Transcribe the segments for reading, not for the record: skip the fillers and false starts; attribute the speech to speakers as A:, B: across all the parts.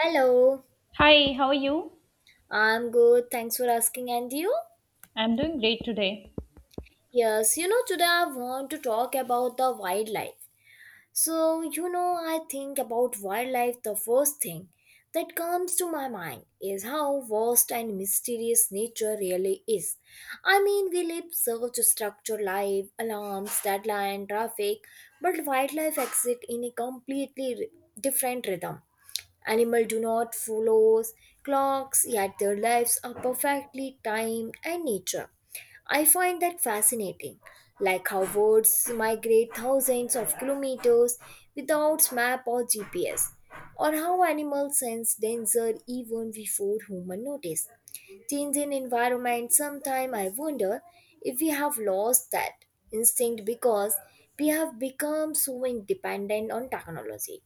A: Hello,
B: Hi, how are you?
A: I'm good. Thanks for asking. And you?
B: I'm doing great today.
A: Yes, you know, today I want to talk about the wildlife. So, you know, I think about wildlife, the first thing that comes to my mind is how vast and mysterious nature really is. I mean, we live such a structured life, alarms, deadline, traffic, but wildlife exists in a completely different rhythm. Animals do not follow clocks, yet their lives are perfectly timed and nature. I find that fascinating, like how birds migrate thousands of kilometers without map or GPS, or how animals sense danger even before humans notice. Change in environment. Sometimes I wonder if we have lost that instinct because we have become so independent on technology.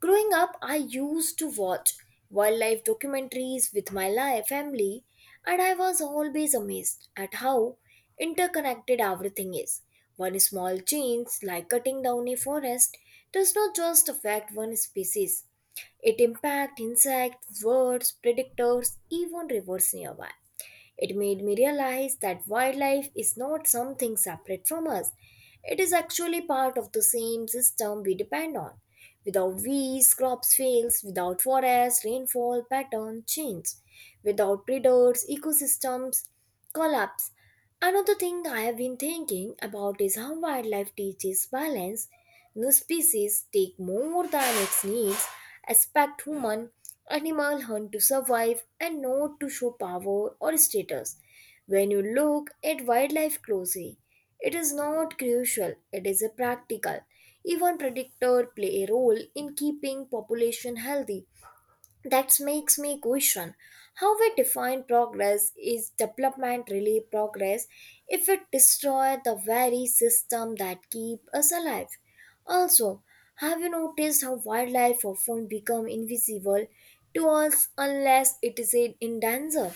A: Growing up, I used to watch wildlife documentaries with my family, and I was always amazed at how interconnected everything is. One small change, like cutting down a forest, does not just affect one species, it impacts insects, birds, predators, even rivers nearby. It made me realize that wildlife is not something separate from us. It is actually part of the same system we depend on. Without weeds, crops fails. Without forests, rainfall pattern change. Without predators, ecosystems collapse. Another thing I have been thinking about is how wildlife teaches balance. New species take more than its needs, expect human, animal hunt to survive and not to show power or status. When you look at wildlife closely, it is not crucial, it is a practical. Even predators play a role in keeping population healthy. That makes me question how we define progress. Is development really progress if it destroys the very system that keep us alive? Also, have you noticed how wildlife often become invisible to us unless it is in danger?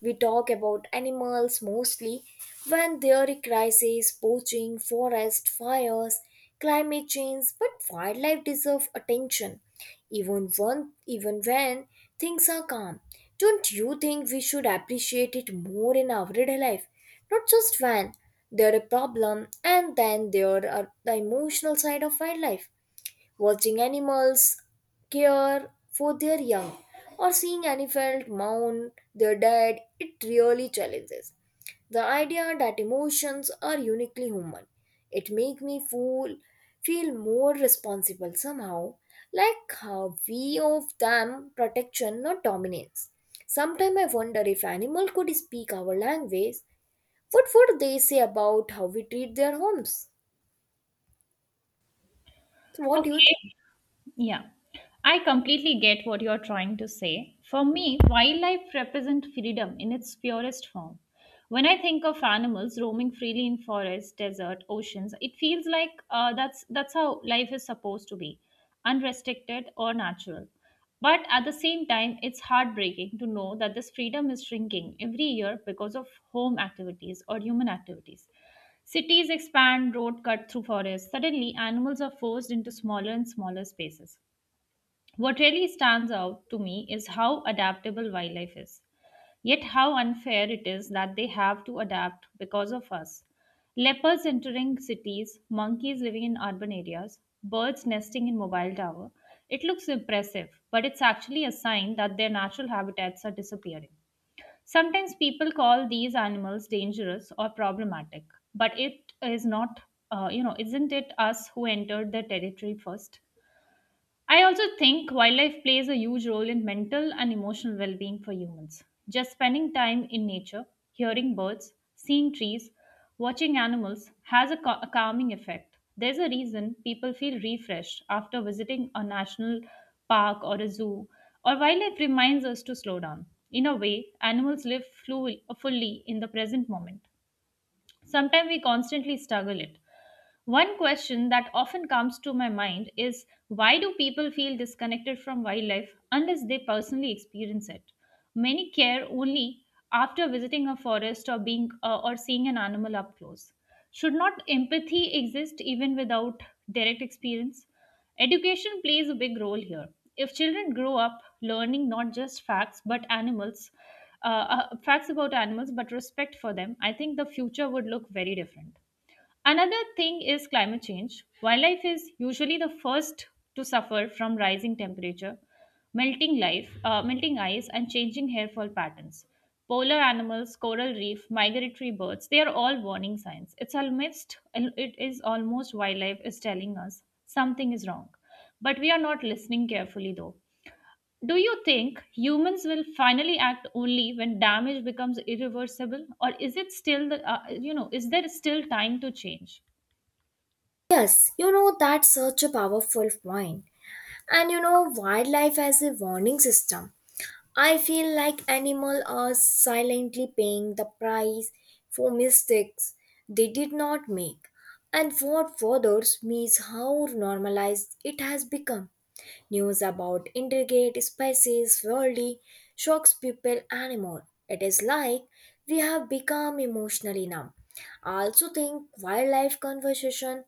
A: We talk about animals mostly when there are crises, poaching, forest fires, climate change, but wildlife deserve attention even one even when things are calm. Don't you think we should appreciate it more in our everyday life, not just when there are a problem? And then there are the emotional side of wildlife, watching animals care for their young or seeing an elephant mourn their dead. It really challenges the idea that emotions are uniquely human. It make me feel more responsible somehow, like how we of them protection, not dominance. Sometimes I wonder if animal could speak our language, what would they say about how we treat their homes? So what do you
B: Okay,
A: think?
B: yeah. I completely get what you're trying to say. For me, wildlife represent freedom in its purest form. When I think of animals roaming freely in forests, desert, oceans, it feels like that's how life is supposed to be, unrestricted or natural. But at the same time, it's heartbreaking to know that this freedom is shrinking every year because of home activities or human activities. Cities expand, road cut through forests. Suddenly, animals are forced into smaller and smaller spaces. What really stands out to me is how adaptable wildlife is, yet how unfair it is that they have to adapt because of us. Leopards entering cities, monkeys living in urban areas, birds nesting in mobile tower. It looks impressive, but it's actually a sign that their natural habitats are disappearing. Sometimes people call these animals dangerous or problematic, but it is not, isn't it us who entered the territory first? I also think wildlife plays a huge role in mental and emotional well being for humans. Just spending time in nature, hearing birds, seeing trees, watching animals has a calming effect. There's a reason people feel refreshed after visiting a national park or a zoo, or wildlife reminds us to slow down. In a way, animals live fully in the present moment. Sometimes we constantly struggle it. One question that often comes to my mind is why do people feel disconnected from wildlife unless they personally experience it? Many care only after visiting a forest or being or seeing an animal up close. Should not empathy exist even without direct experience? Education plays a big role here. If children grow up learning not just facts about animals but respect for them, I think the future would look very different. Another thing is climate change. Wildlife is usually the first to suffer from rising temperature, melting ice, and changing hairfall patterns. Polar animals, coral reef, migratory birds, they are all warning signs. It is almost wildlife is telling us something is wrong. But we are not listening carefully though. Do you think humans will finally act only when damage becomes irreversible, or is it still the, you know is there still time to change?
A: Yes, you know, that's such a powerful point. And you know, wildlife as a warning system. I feel like animals are silently paying the price for mistakes they did not make. And what bothers me is how normalized it has become. News about intricate species, worldly, shocks people anymore. It is like we have become emotionally numb. I also think wildlife conversation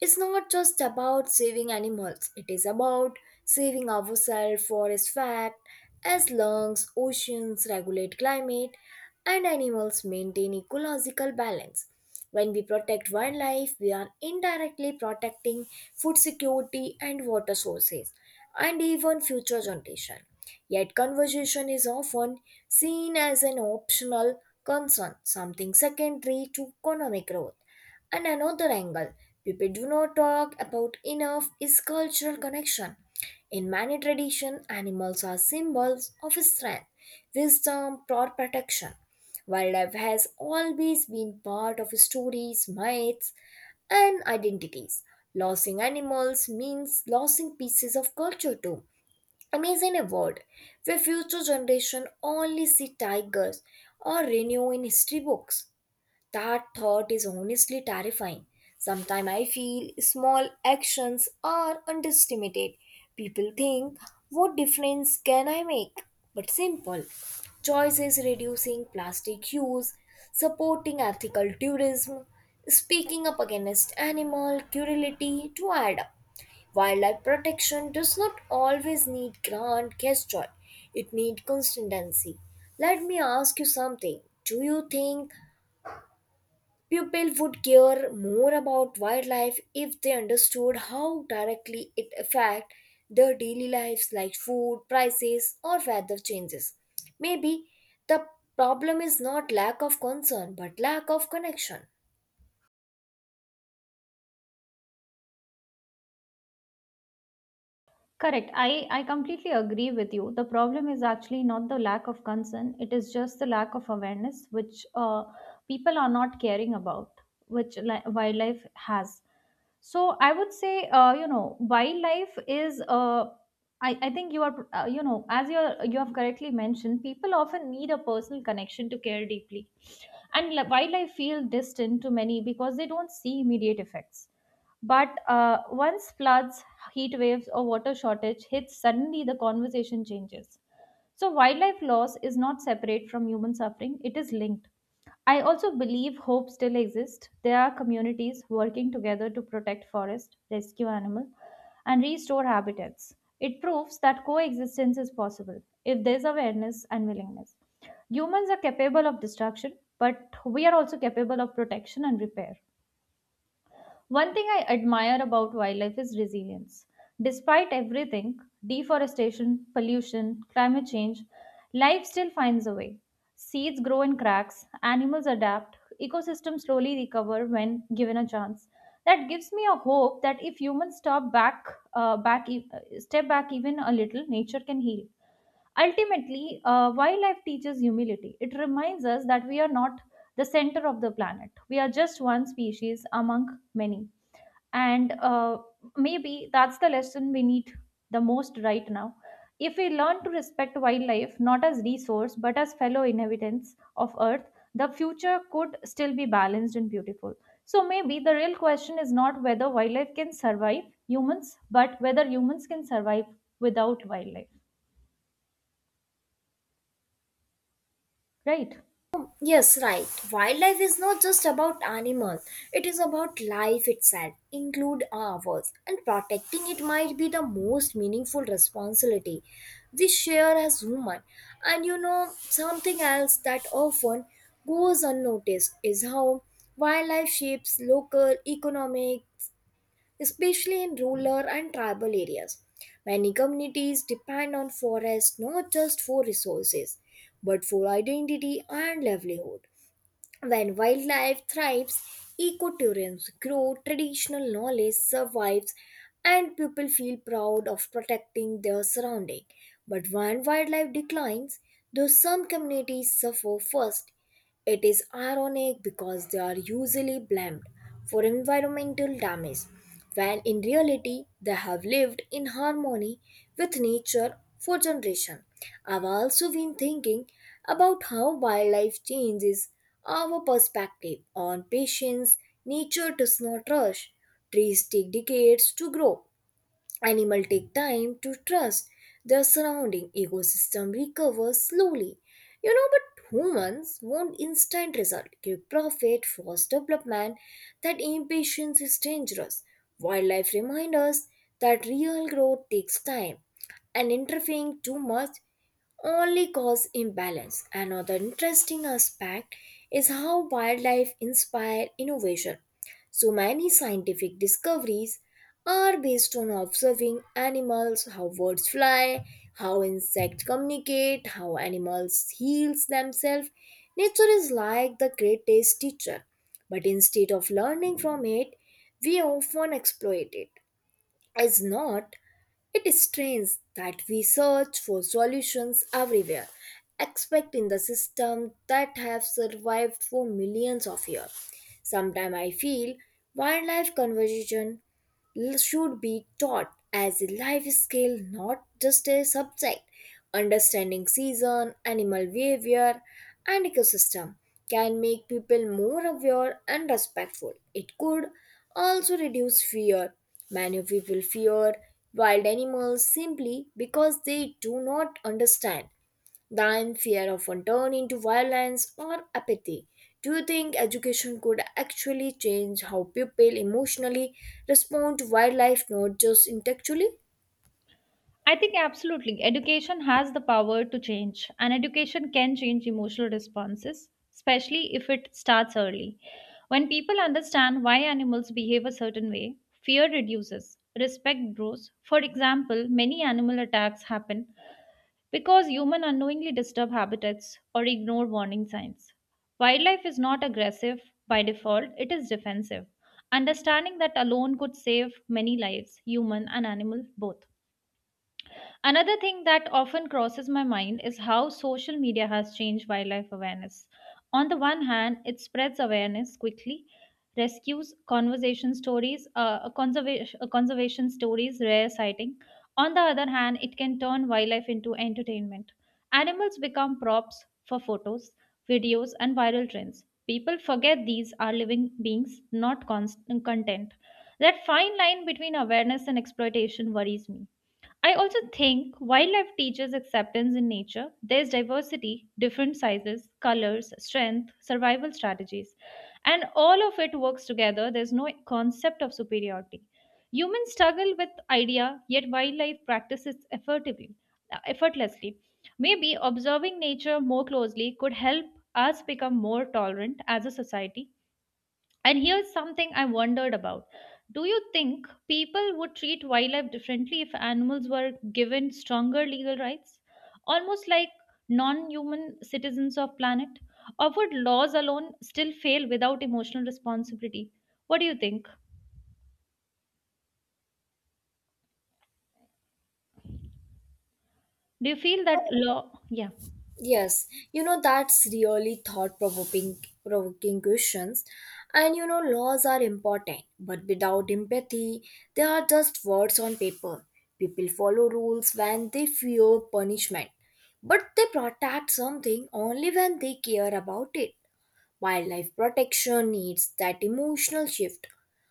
A: is not just about saving animals, it is about saving ourselves for its fact as lungs, oceans regulate climate, and animals maintain ecological balance. When we protect wildlife, we are indirectly protecting food security and water sources and even future generation. Yet conservation is often seen as an optional concern, something secondary to economic growth. And another angle people do not talk about enough is cultural connection. In many traditions, animals are symbols of strength, wisdom, or protection. Wildlife has always been part of stories, myths, and identities. Losing animals means losing pieces of culture too. Imagine a world where future generation only see tigers or rhino in history books. That thought is honestly terrifying. Sometimes I feel small actions are underestimated. People think, what difference can I make? But simple choices, reducing plastic use, supporting ethical tourism, speaking up against animal cruelty to add up. Wildlife protection does not always need grand gesture. It needs consistency. Let me ask you something. Do you think people would care more about wildlife if they understood how directly it affects their daily lives, like food, prices, or weather changes? Maybe the problem is not lack of concern but lack of connection.
B: Correct. I completely agree with you. The problem is actually not the lack of concern, it is just the lack of awareness, which people are not caring about, which wildlife has. So I would say, wildlife is. I think you are, you have correctly mentioned, people often need a personal connection to care deeply, and while I feel distant to many because they don't see immediate effects, but once floods, heat waves, or water shortage hits, suddenly the conversation changes. So, wildlife loss is not separate from human suffering, it is linked. I also believe hope still exists. There are communities working together to protect forests, rescue animals, and restore habitats. It proves that coexistence is possible if there's awareness and willingness. Humans are capable of destruction, but we are also capable of protection and repair. One thing I admire about wildlife is resilience. Despite everything, deforestation, pollution, climate change, life still finds a way. Seeds grow in cracks, animals adapt, ecosystems slowly recover when given a chance. That gives me a hope that if humans stop back, back e- step back even a little, nature can heal. Ultimately, wildlife teaches humility. It reminds us that we are not the center of the planet. We are just one species among many, and maybe that's the lesson we need the most right now. If we learn to respect wildlife not as resource but as fellow inhabitants of earth, the future could still be balanced and beautiful. So maybe the real question is not whether wildlife can survive humans, but whether humans can survive without wildlife, right?
A: Yes, right. Wildlife is not just about animals. It is about life itself, include ours, and protecting it might be the most meaningful responsibility we share as human. And you know, something else that often goes unnoticed is how wildlife shapes local economic, especially in rural and tribal areas. Many communities depend on forests not just for resources, but for identity and livelihood. When wildlife thrives, ecotourism grow, traditional knowledge survives, and people feel proud of protecting their surrounding. But when wildlife declines, though some communities suffer first, it is ironic because they are usually blamed for environmental damage, when in reality they have lived in harmony with nature for generations. I've also been thinking about how wildlife changes our perspective on patience. Nature does not rush, trees take decades to grow, animal take time to trust their surrounding ecosystem recovers slowly. You know, but humans want instant result, quick profit, fast development. That impatience is dangerous. Wildlife reminds us that real growth takes time and interfering too much only cause imbalance. Another interesting aspect is how wildlife inspire innovation. So many scientific discoveries are based on observing animals, how birds fly, how insects communicate, how animals heals themselves. Nature is like the greatest teacher, but instead of learning from it, we often exploit it. Is not, it is strange that we search for solutions everywhere, except in the system that have survived for millions of years. Sometimes I feel wildlife conservation should be taught as a life skill, not just a subject. Understanding season, animal behavior, and ecosystem can make people more aware and respectful. It could also reduce fear. Many people fear wild animals simply because they do not understand, then fear often turn into violence or apathy. Do you think education could actually change how people emotionally respond to wildlife, not just intellectually?
B: I think absolutely. Education has the power to change, and education can change emotional responses, especially if it starts early. When people understand why animals behave a certain way, fear reduces, respect grows. For example, many animal attacks happen because humans unknowingly disturb habitats or ignore warning signs. Wildlife is not aggressive by default, it is defensive. Understanding that alone could save many lives, human and animal both. Another thing that often crosses my mind is how social media has changed wildlife awareness. On the one hand, it spreads awareness quickly, rescues, conservation stories, rare sighting. On the other hand, it can turn wildlife into entertainment. Animals become props for photos, videos, and viral trends. People forget these are living beings, not content. That fine line between awareness and exploitation worries me. I also think wildlife teaches acceptance in nature. There's diversity, different sizes, colors, strength, survival strategies, and all of it works together. There's no concept of superiority. Humans struggle with idea, yet wildlife practices effortlessly. Maybe observing nature more closely could help us become more tolerant as a society. And here's something I wondered about. Do you think people would treat wildlife differently if animals were given stronger legal rights? Almost like non human citizens of planet? Or would laws alone still fail without emotional responsibility? What do you think? Do you feel that law? Yeah.
A: Yes, you know, that's really thought provoking questions. And you know, laws are important, but without empathy, they are just words on paper. People follow rules when they fear punishment, but they protect something only when they care about it. Wildlife protection needs that emotional shift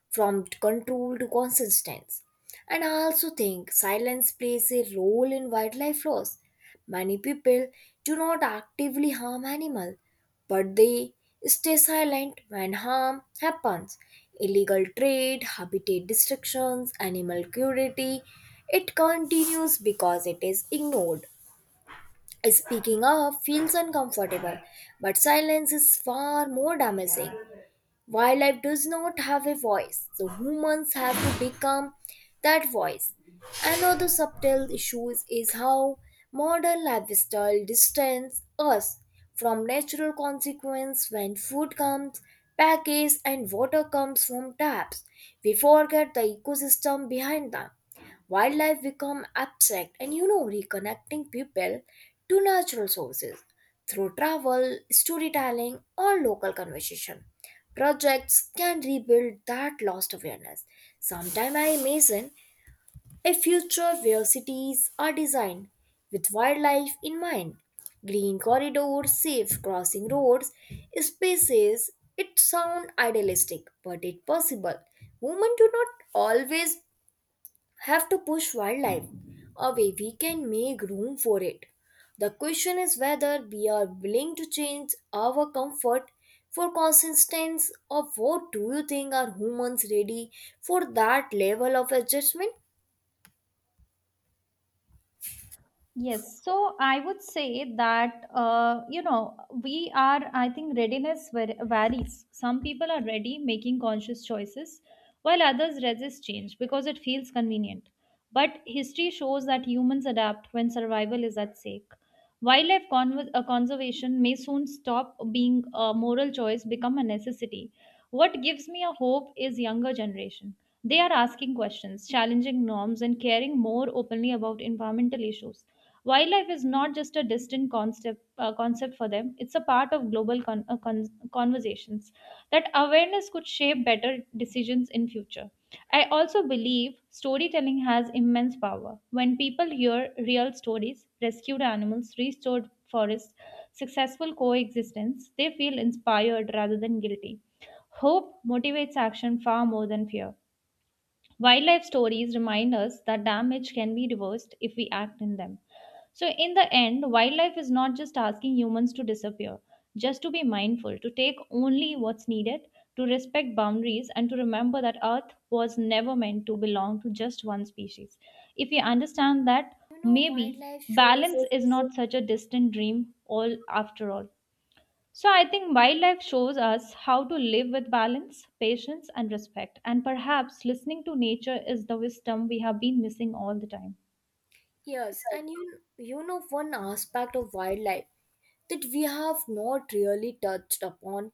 A: from control to consistence. And I also think silence plays a role in wildlife loss. Many people do not actively harm animals, but they stay silent when harm happens. Illegal trade, habitat destructions, animal cruelty, it continues because it is ignored. Speaking up feels uncomfortable, but silence is far more damaging. Wildlife does not have a voice, so humans have to become that voice. Another subtle issue is how modern lifestyle distances us from natural consequence when food comes packaged and water comes from taps. We forget the ecosystem behind them. Wildlife become abstract, and you know, reconnecting people to natural sources through travel, storytelling or local conversation. Projects can rebuild that lost awareness. Sometime I imagine a future where cities are designed with wildlife in mind. Green corridors, safe crossing roads, spaces. It sounds idealistic, but it's possible. Women do not always have to push wildlife away, we can make room for it. The question is whether we are willing to change our comfort for consistency of. What do you think, are humans ready for that level of adjustment?
B: Yes, so I would say that we are. I think readiness varies. Some people are ready making conscious choices, while others resist change because it feels convenient. But history shows that humans adapt when survival is at stake. Wildlife conservation may soon stop being a moral choice, become a necessity. What gives me a hope is younger generation. They are asking questions, challenging norms, and caring more openly about environmental issues. Wildlife is not just a distant concept for them; it's a part of global conversations. That awareness could shape better decisions in future. I also believe storytelling has immense power. When people hear real stories, rescued animals, restored forests, successful coexistence, they feel inspired rather than guilty. Hope motivates action far more than fear. Wildlife stories remind us that damage can be reversed if we act in them. So, in the end, wildlife is not just asking humans to disappear, just to be mindful, to take only what's needed, to respect boundaries, and to remember that Earth was never meant to belong to just one species. If we understand that,
A: You know,
B: maybe
A: wildlife shows.
B: balance is not such a distant dream all after all. So I think wildlife shows us how to live with balance, patience, and respect. And perhaps listening to nature is the wisdom we have been missing all the time.
A: Yes, and you know, one aspect of wildlife that we have not really touched upon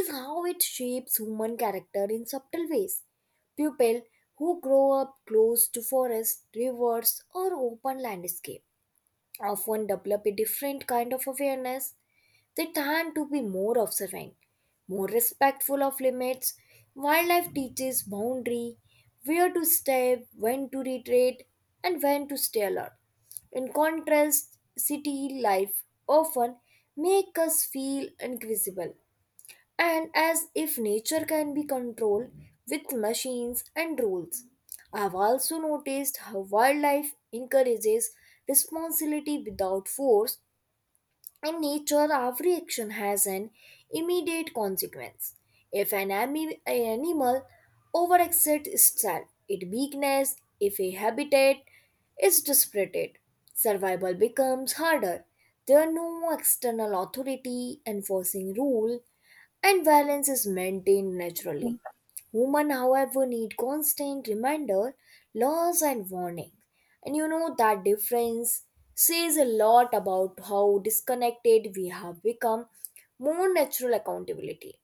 A: is how it shapes human character in subtle ways. People who grow up close to forests, rivers, or open landscape often develop a different kind of awareness. They tend to be more observant, more respectful of limits. Wildlife teaches boundary, where to step, when to retreat, and when to stay alert. In contrast, city life often makes us feel invisible and as if nature can be controlled with machines and rules. I've also noticed how wildlife encourages responsibility without force. In nature, every action has an immediate consequence. If an animal overexerts itself, its weakness, if a habitat is disrupted, survival becomes harder. There are no external authority enforcing rule, and balance is maintained naturally.
B: Okay.
A: Women, however, need constant reminder, laws, and warning. And you know, that difference says a lot about how disconnected we have become. More natural accountability.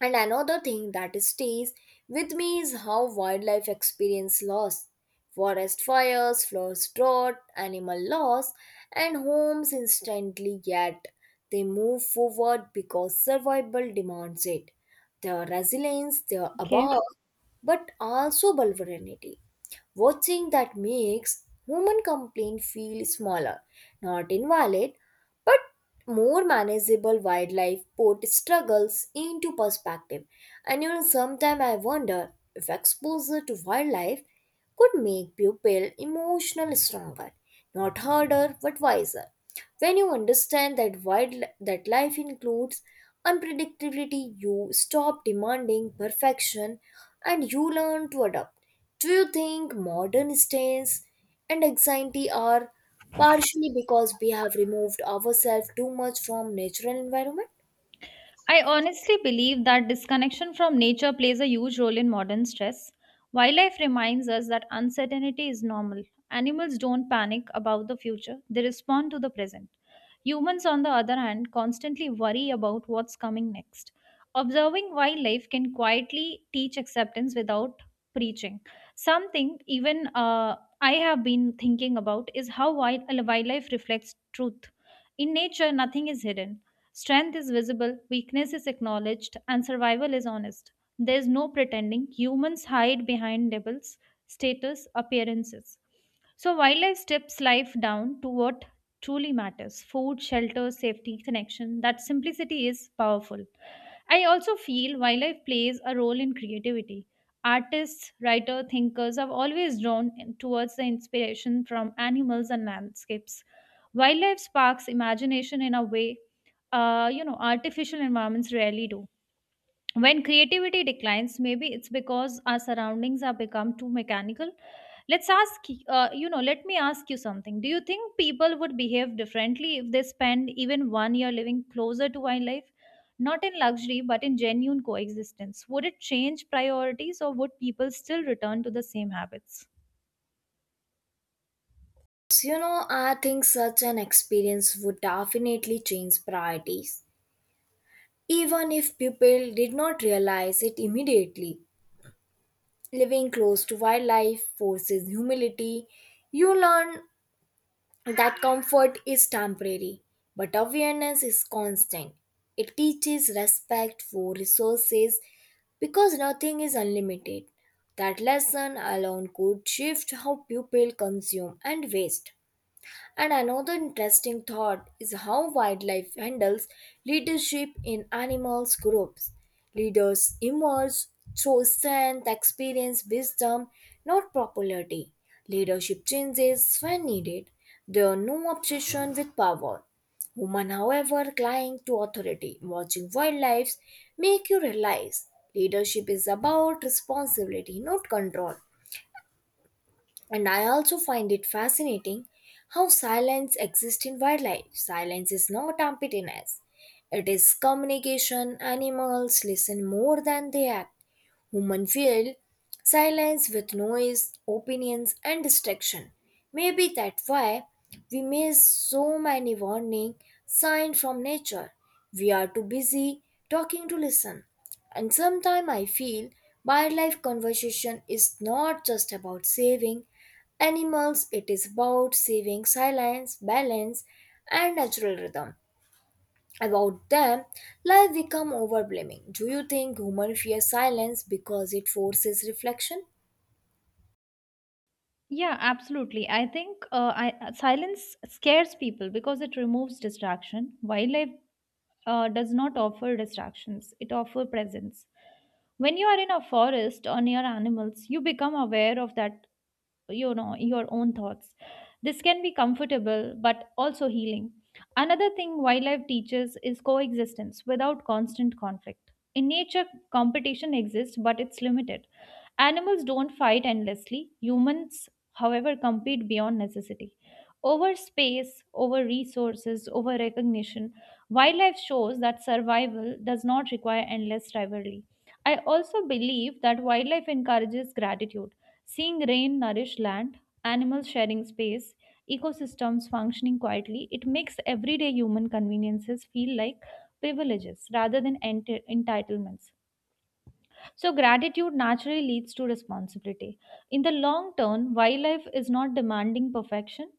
A: And another thing that stays with me is how wildlife experience loss. Forest fires, floods drought, animal loss, and homes instantly, yet they move forward because survival demands it. Their resilience, their
B: Okay.
A: above, but also vulnerability. Watching that makes human complaint feel smaller, not invalid, but more manageable. Wildlife put struggles into perspective. And you know, sometimes I wonder if exposure to wildlife could make people emotional stronger, not harder but wiser. When you understand that life includes unpredictability, you stop demanding perfection and you learn to adapt. Do you think modern stress and anxiety are partially because we have removed ourselves too much from natural environment?
B: I honestly believe that disconnection from nature plays a huge role in modern stress. Wildlife reminds us that uncertainty is normal. Animals don't panic about the future, they respond to the present. Humans, on the other hand, constantly worry about what's coming next. Observing wildlife can quietly teach acceptance without preaching. Something even I have been thinking about is how wildlife reflects truth. In nature, nothing is hidden. Strength is visible, weakness is acknowledged, and survival is honest. There's no pretending. Humans hide behind labels, status, appearances. So wildlife steps life down to what truly matters, food, shelter, safety, connection. That simplicity is powerful. I also feel wildlife plays a role in creativity. Artists, writers, thinkers have always drawn towards the inspiration from animals and landscapes. Wildlife sparks imagination in a way artificial environments rarely do. When creativity declines, maybe it's because our surroundings have become too mechanical. Let's ask, let me ask you something. Do you think people would behave differently if they spend even one year living closer to wildlife? Not in luxury, but in genuine coexistence. Would it change priorities, or would people still return to the same habits?
A: You know, I think such an experience would definitely change priorities, even if people did not realize it immediately. Living close to wildlife forces humility. You learn that comfort is temporary, but awareness is constant. It teaches respect for resources because nothing is unlimited. That lesson alone could shift how people consume and waste. And another interesting thought is how wildlife handles leadership in animals groups. Leaders emerge through strength, experience, wisdom, not popularity. Leadership changes when needed. There are no obsession with power. Women, however, cling to authority. Watching wildlife make you realize leadership is about responsibility, not control. And I also find it fascinating how silence exists in wildlife. Silence is not emptiness, it is communication. Animals listen more than they act. Human feel silence with noise, opinions, and distraction. Maybe that's why we miss so many warning signs from nature. We are too busy talking to listen. And sometimes I feel wildlife conversation is not just about saving animals, it is about saving silence, balance, and natural rhythm about them, life become overwhelming. Do you think human fear silence because it forces reflection?
B: Yeah, absolutely. I think silence scares people because it removes distraction. Wildlife does not offer distractions, it offers presence. When you are in a forest or near animals, you become aware of that, your own thoughts. This can be comfortable but also healing. Another thing wildlife teaches is coexistence without constant conflict. In nature, competition exists but it's limited. Animals don't fight endlessly. Humans, however, compete beyond necessity. Over space, over resources, over recognition, wildlife shows that survival does not require endless rivalry. I also believe that wildlife encourages gratitude. Seeing rain nourish land, animals sharing space, ecosystems functioning quietly, it makes everyday human conveniences feel like privileges rather than entitlements. So, gratitude naturally leads to responsibility. In the long term, wildlife is not demanding perfection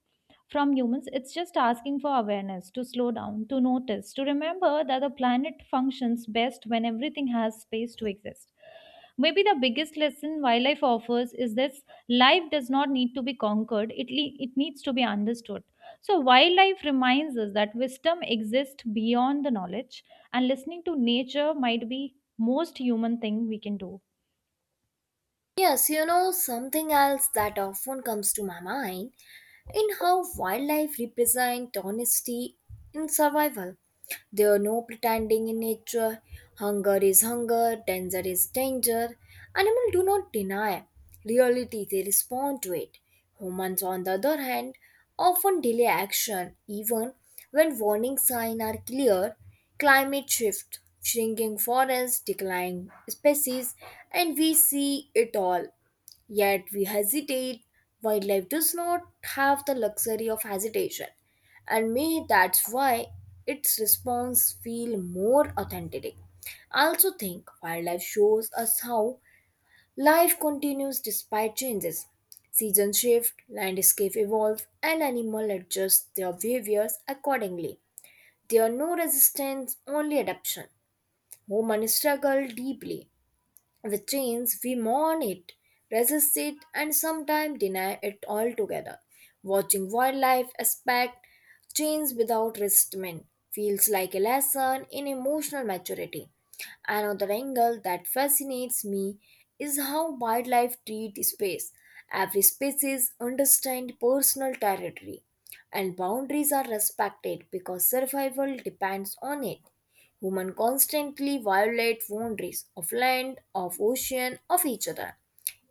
B: from humans, it's just asking for awareness to slow down, to notice, to remember that the planet functions best when everything has space to exist. Maybe the biggest lesson wildlife offers is this, life does not need to be conquered, it needs to be understood. So, wildlife reminds us that wisdom exists beyond the knowledge, and listening to nature might be most human thing we can do.
A: Yes. You know, something else that often comes to my mind in how wildlife represent honesty in survival. There are no pretending in nature. Hunger is hunger, danger is danger. Animals do not deny reality, they respond to it. Humans, on the other hand, often delay action even when warning signs are clear. Climate shift, shrinking forests, declining species, and we see it all. Yet we hesitate. Wildlife does not have the luxury of hesitation. And may that's why its response feel more authentic. I also think wildlife shows us how life continues despite changes. Seasons shift, landscape evolve, and animal adjust their behaviors accordingly. There are no resistance, only adaptation. Humans struggle deeply, which means we mourn it, resist it, and sometimes deny it altogether. Watching wildlife aspect change without resentment feels like a lesson in emotional maturity. Another angle that fascinates me is how wildlife treat space. Every species understands personal territory and boundaries are respected because survival depends on it. Humans constantly violate boundaries of land, of ocean, of each other.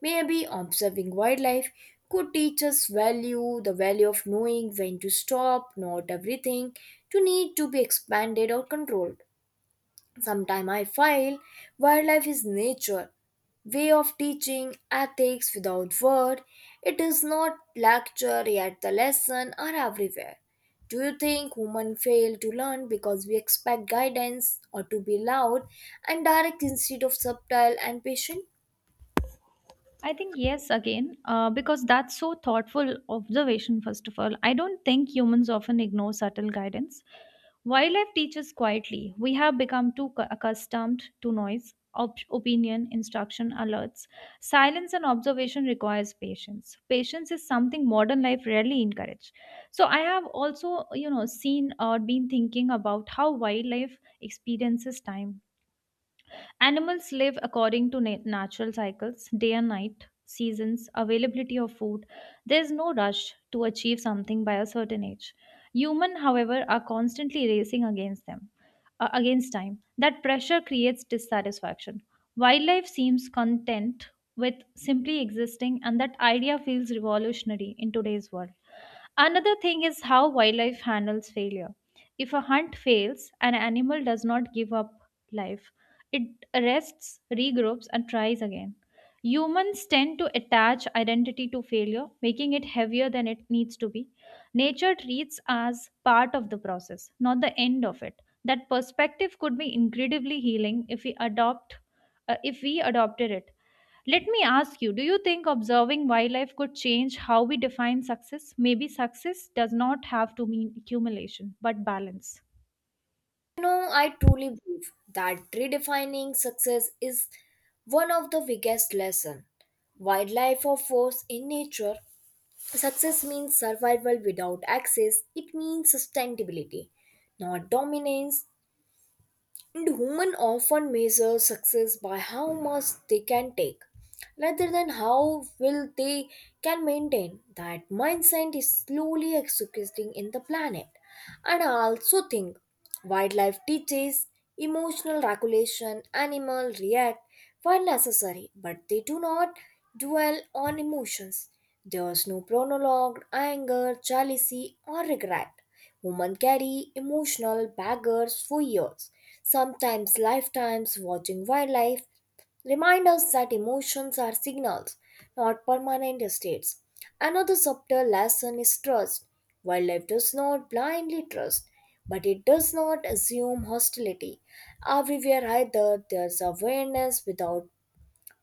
A: Maybe observing wildlife could teach us value, the value of knowing when to stop, not everything to need to be expanded or controlled. Sometime I file wildlife is nature, way of teaching ethics without word. It is not lecture yet the lesson are everywhere. Do you think women fail to learn because we expect guidance or to be loud and direct instead of subtle and patient?
B: I think, yes, again, because that's so thoughtful observation. First of all, I don't think humans often ignore subtle guidance. Wildlife teaches quietly. We have become too accustomed to noise, opinion, instruction, alerts. Silence and observation requires patience. Patience is something modern life rarely encourages. So I have also, seen or been thinking about how wildlife experiences time. Animals live according to natural cycles, day and night, seasons, availability of food. There is no rush to achieve something by a certain age. Human, however, are constantly racing against against time. That pressure creates dissatisfaction. Wildlife seems content with simply existing, and that idea feels revolutionary in today's world. Another thing is how wildlife handles failure. If a hunt fails, an animal does not give up life. It rests, regroups, and tries again. Humans tend to attach identity to failure, making it heavier than it needs to be. Nature treats as part of the process, not the end of it. That perspective could be incredibly healing if we adopted it. Let me ask you, do you think observing wildlife could change how we define success? Maybe success does not have to mean accumulation, but balance.
A: No, I truly believe that redefining success is one of the biggest lessons wildlife offers in nature. Success means survival without access, it means sustainability, not dominance. And women often measure success by how much they can take rather than how will they can maintain. That mindset is slowly executing in the planet. And I also think wildlife teaches emotional regulation. Animal react where necessary, but they do not dwell on emotions. There is no prologue, anger, jealousy, or regret. Women carry emotional baggage for years, sometimes lifetimes. Watching wildlife remind us that emotions are signals, not permanent states. Another subtle lesson is trust. Wildlife does not blindly trust, but it does not assume hostility. Everywhere either there's awareness without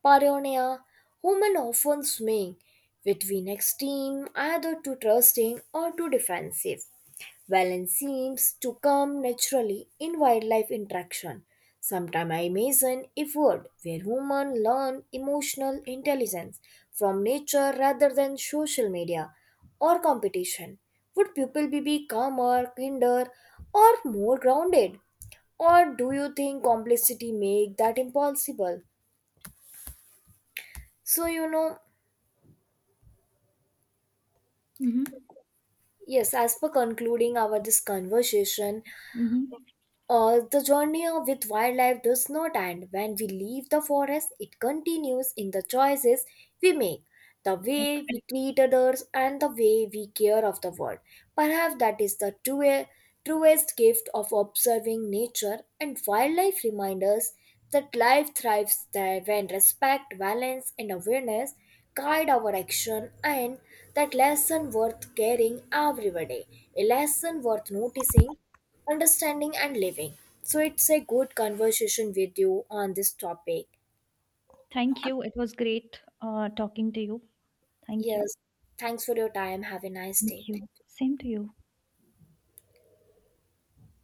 A: paranoia. Human often swing between extreme, either too trusting or too defensive. Balance seems to come naturally in wildlife interaction. Sometimes I imagine a world where humans learn emotional intelligence from nature rather than social media or competition. Would people be calmer, kinder, or more grounded? Or do you think complexity make that impossible? So, you know,
B: Mm-hmm.
A: yes, as per concluding our this conversation,
B: Mm-hmm.
A: the journey with wildlife does not end when we leave the forest, it continues in the choices we make, the
B: Right.
A: way we treat others, and the way we care of the world. Perhaps that is the truest gift of observing nature, and wildlife reminds us that life thrives there when respect, balance, and awareness guide our action, and that lesson worth caring every day, a lesson worth noticing understanding and living. So it's a good conversation with you on this topic.
B: Thank you. It was great talking to you. Thank you.
A: Yes. Thanks for your time. Have a nice
B: Thank
A: day.
B: you. Same to you.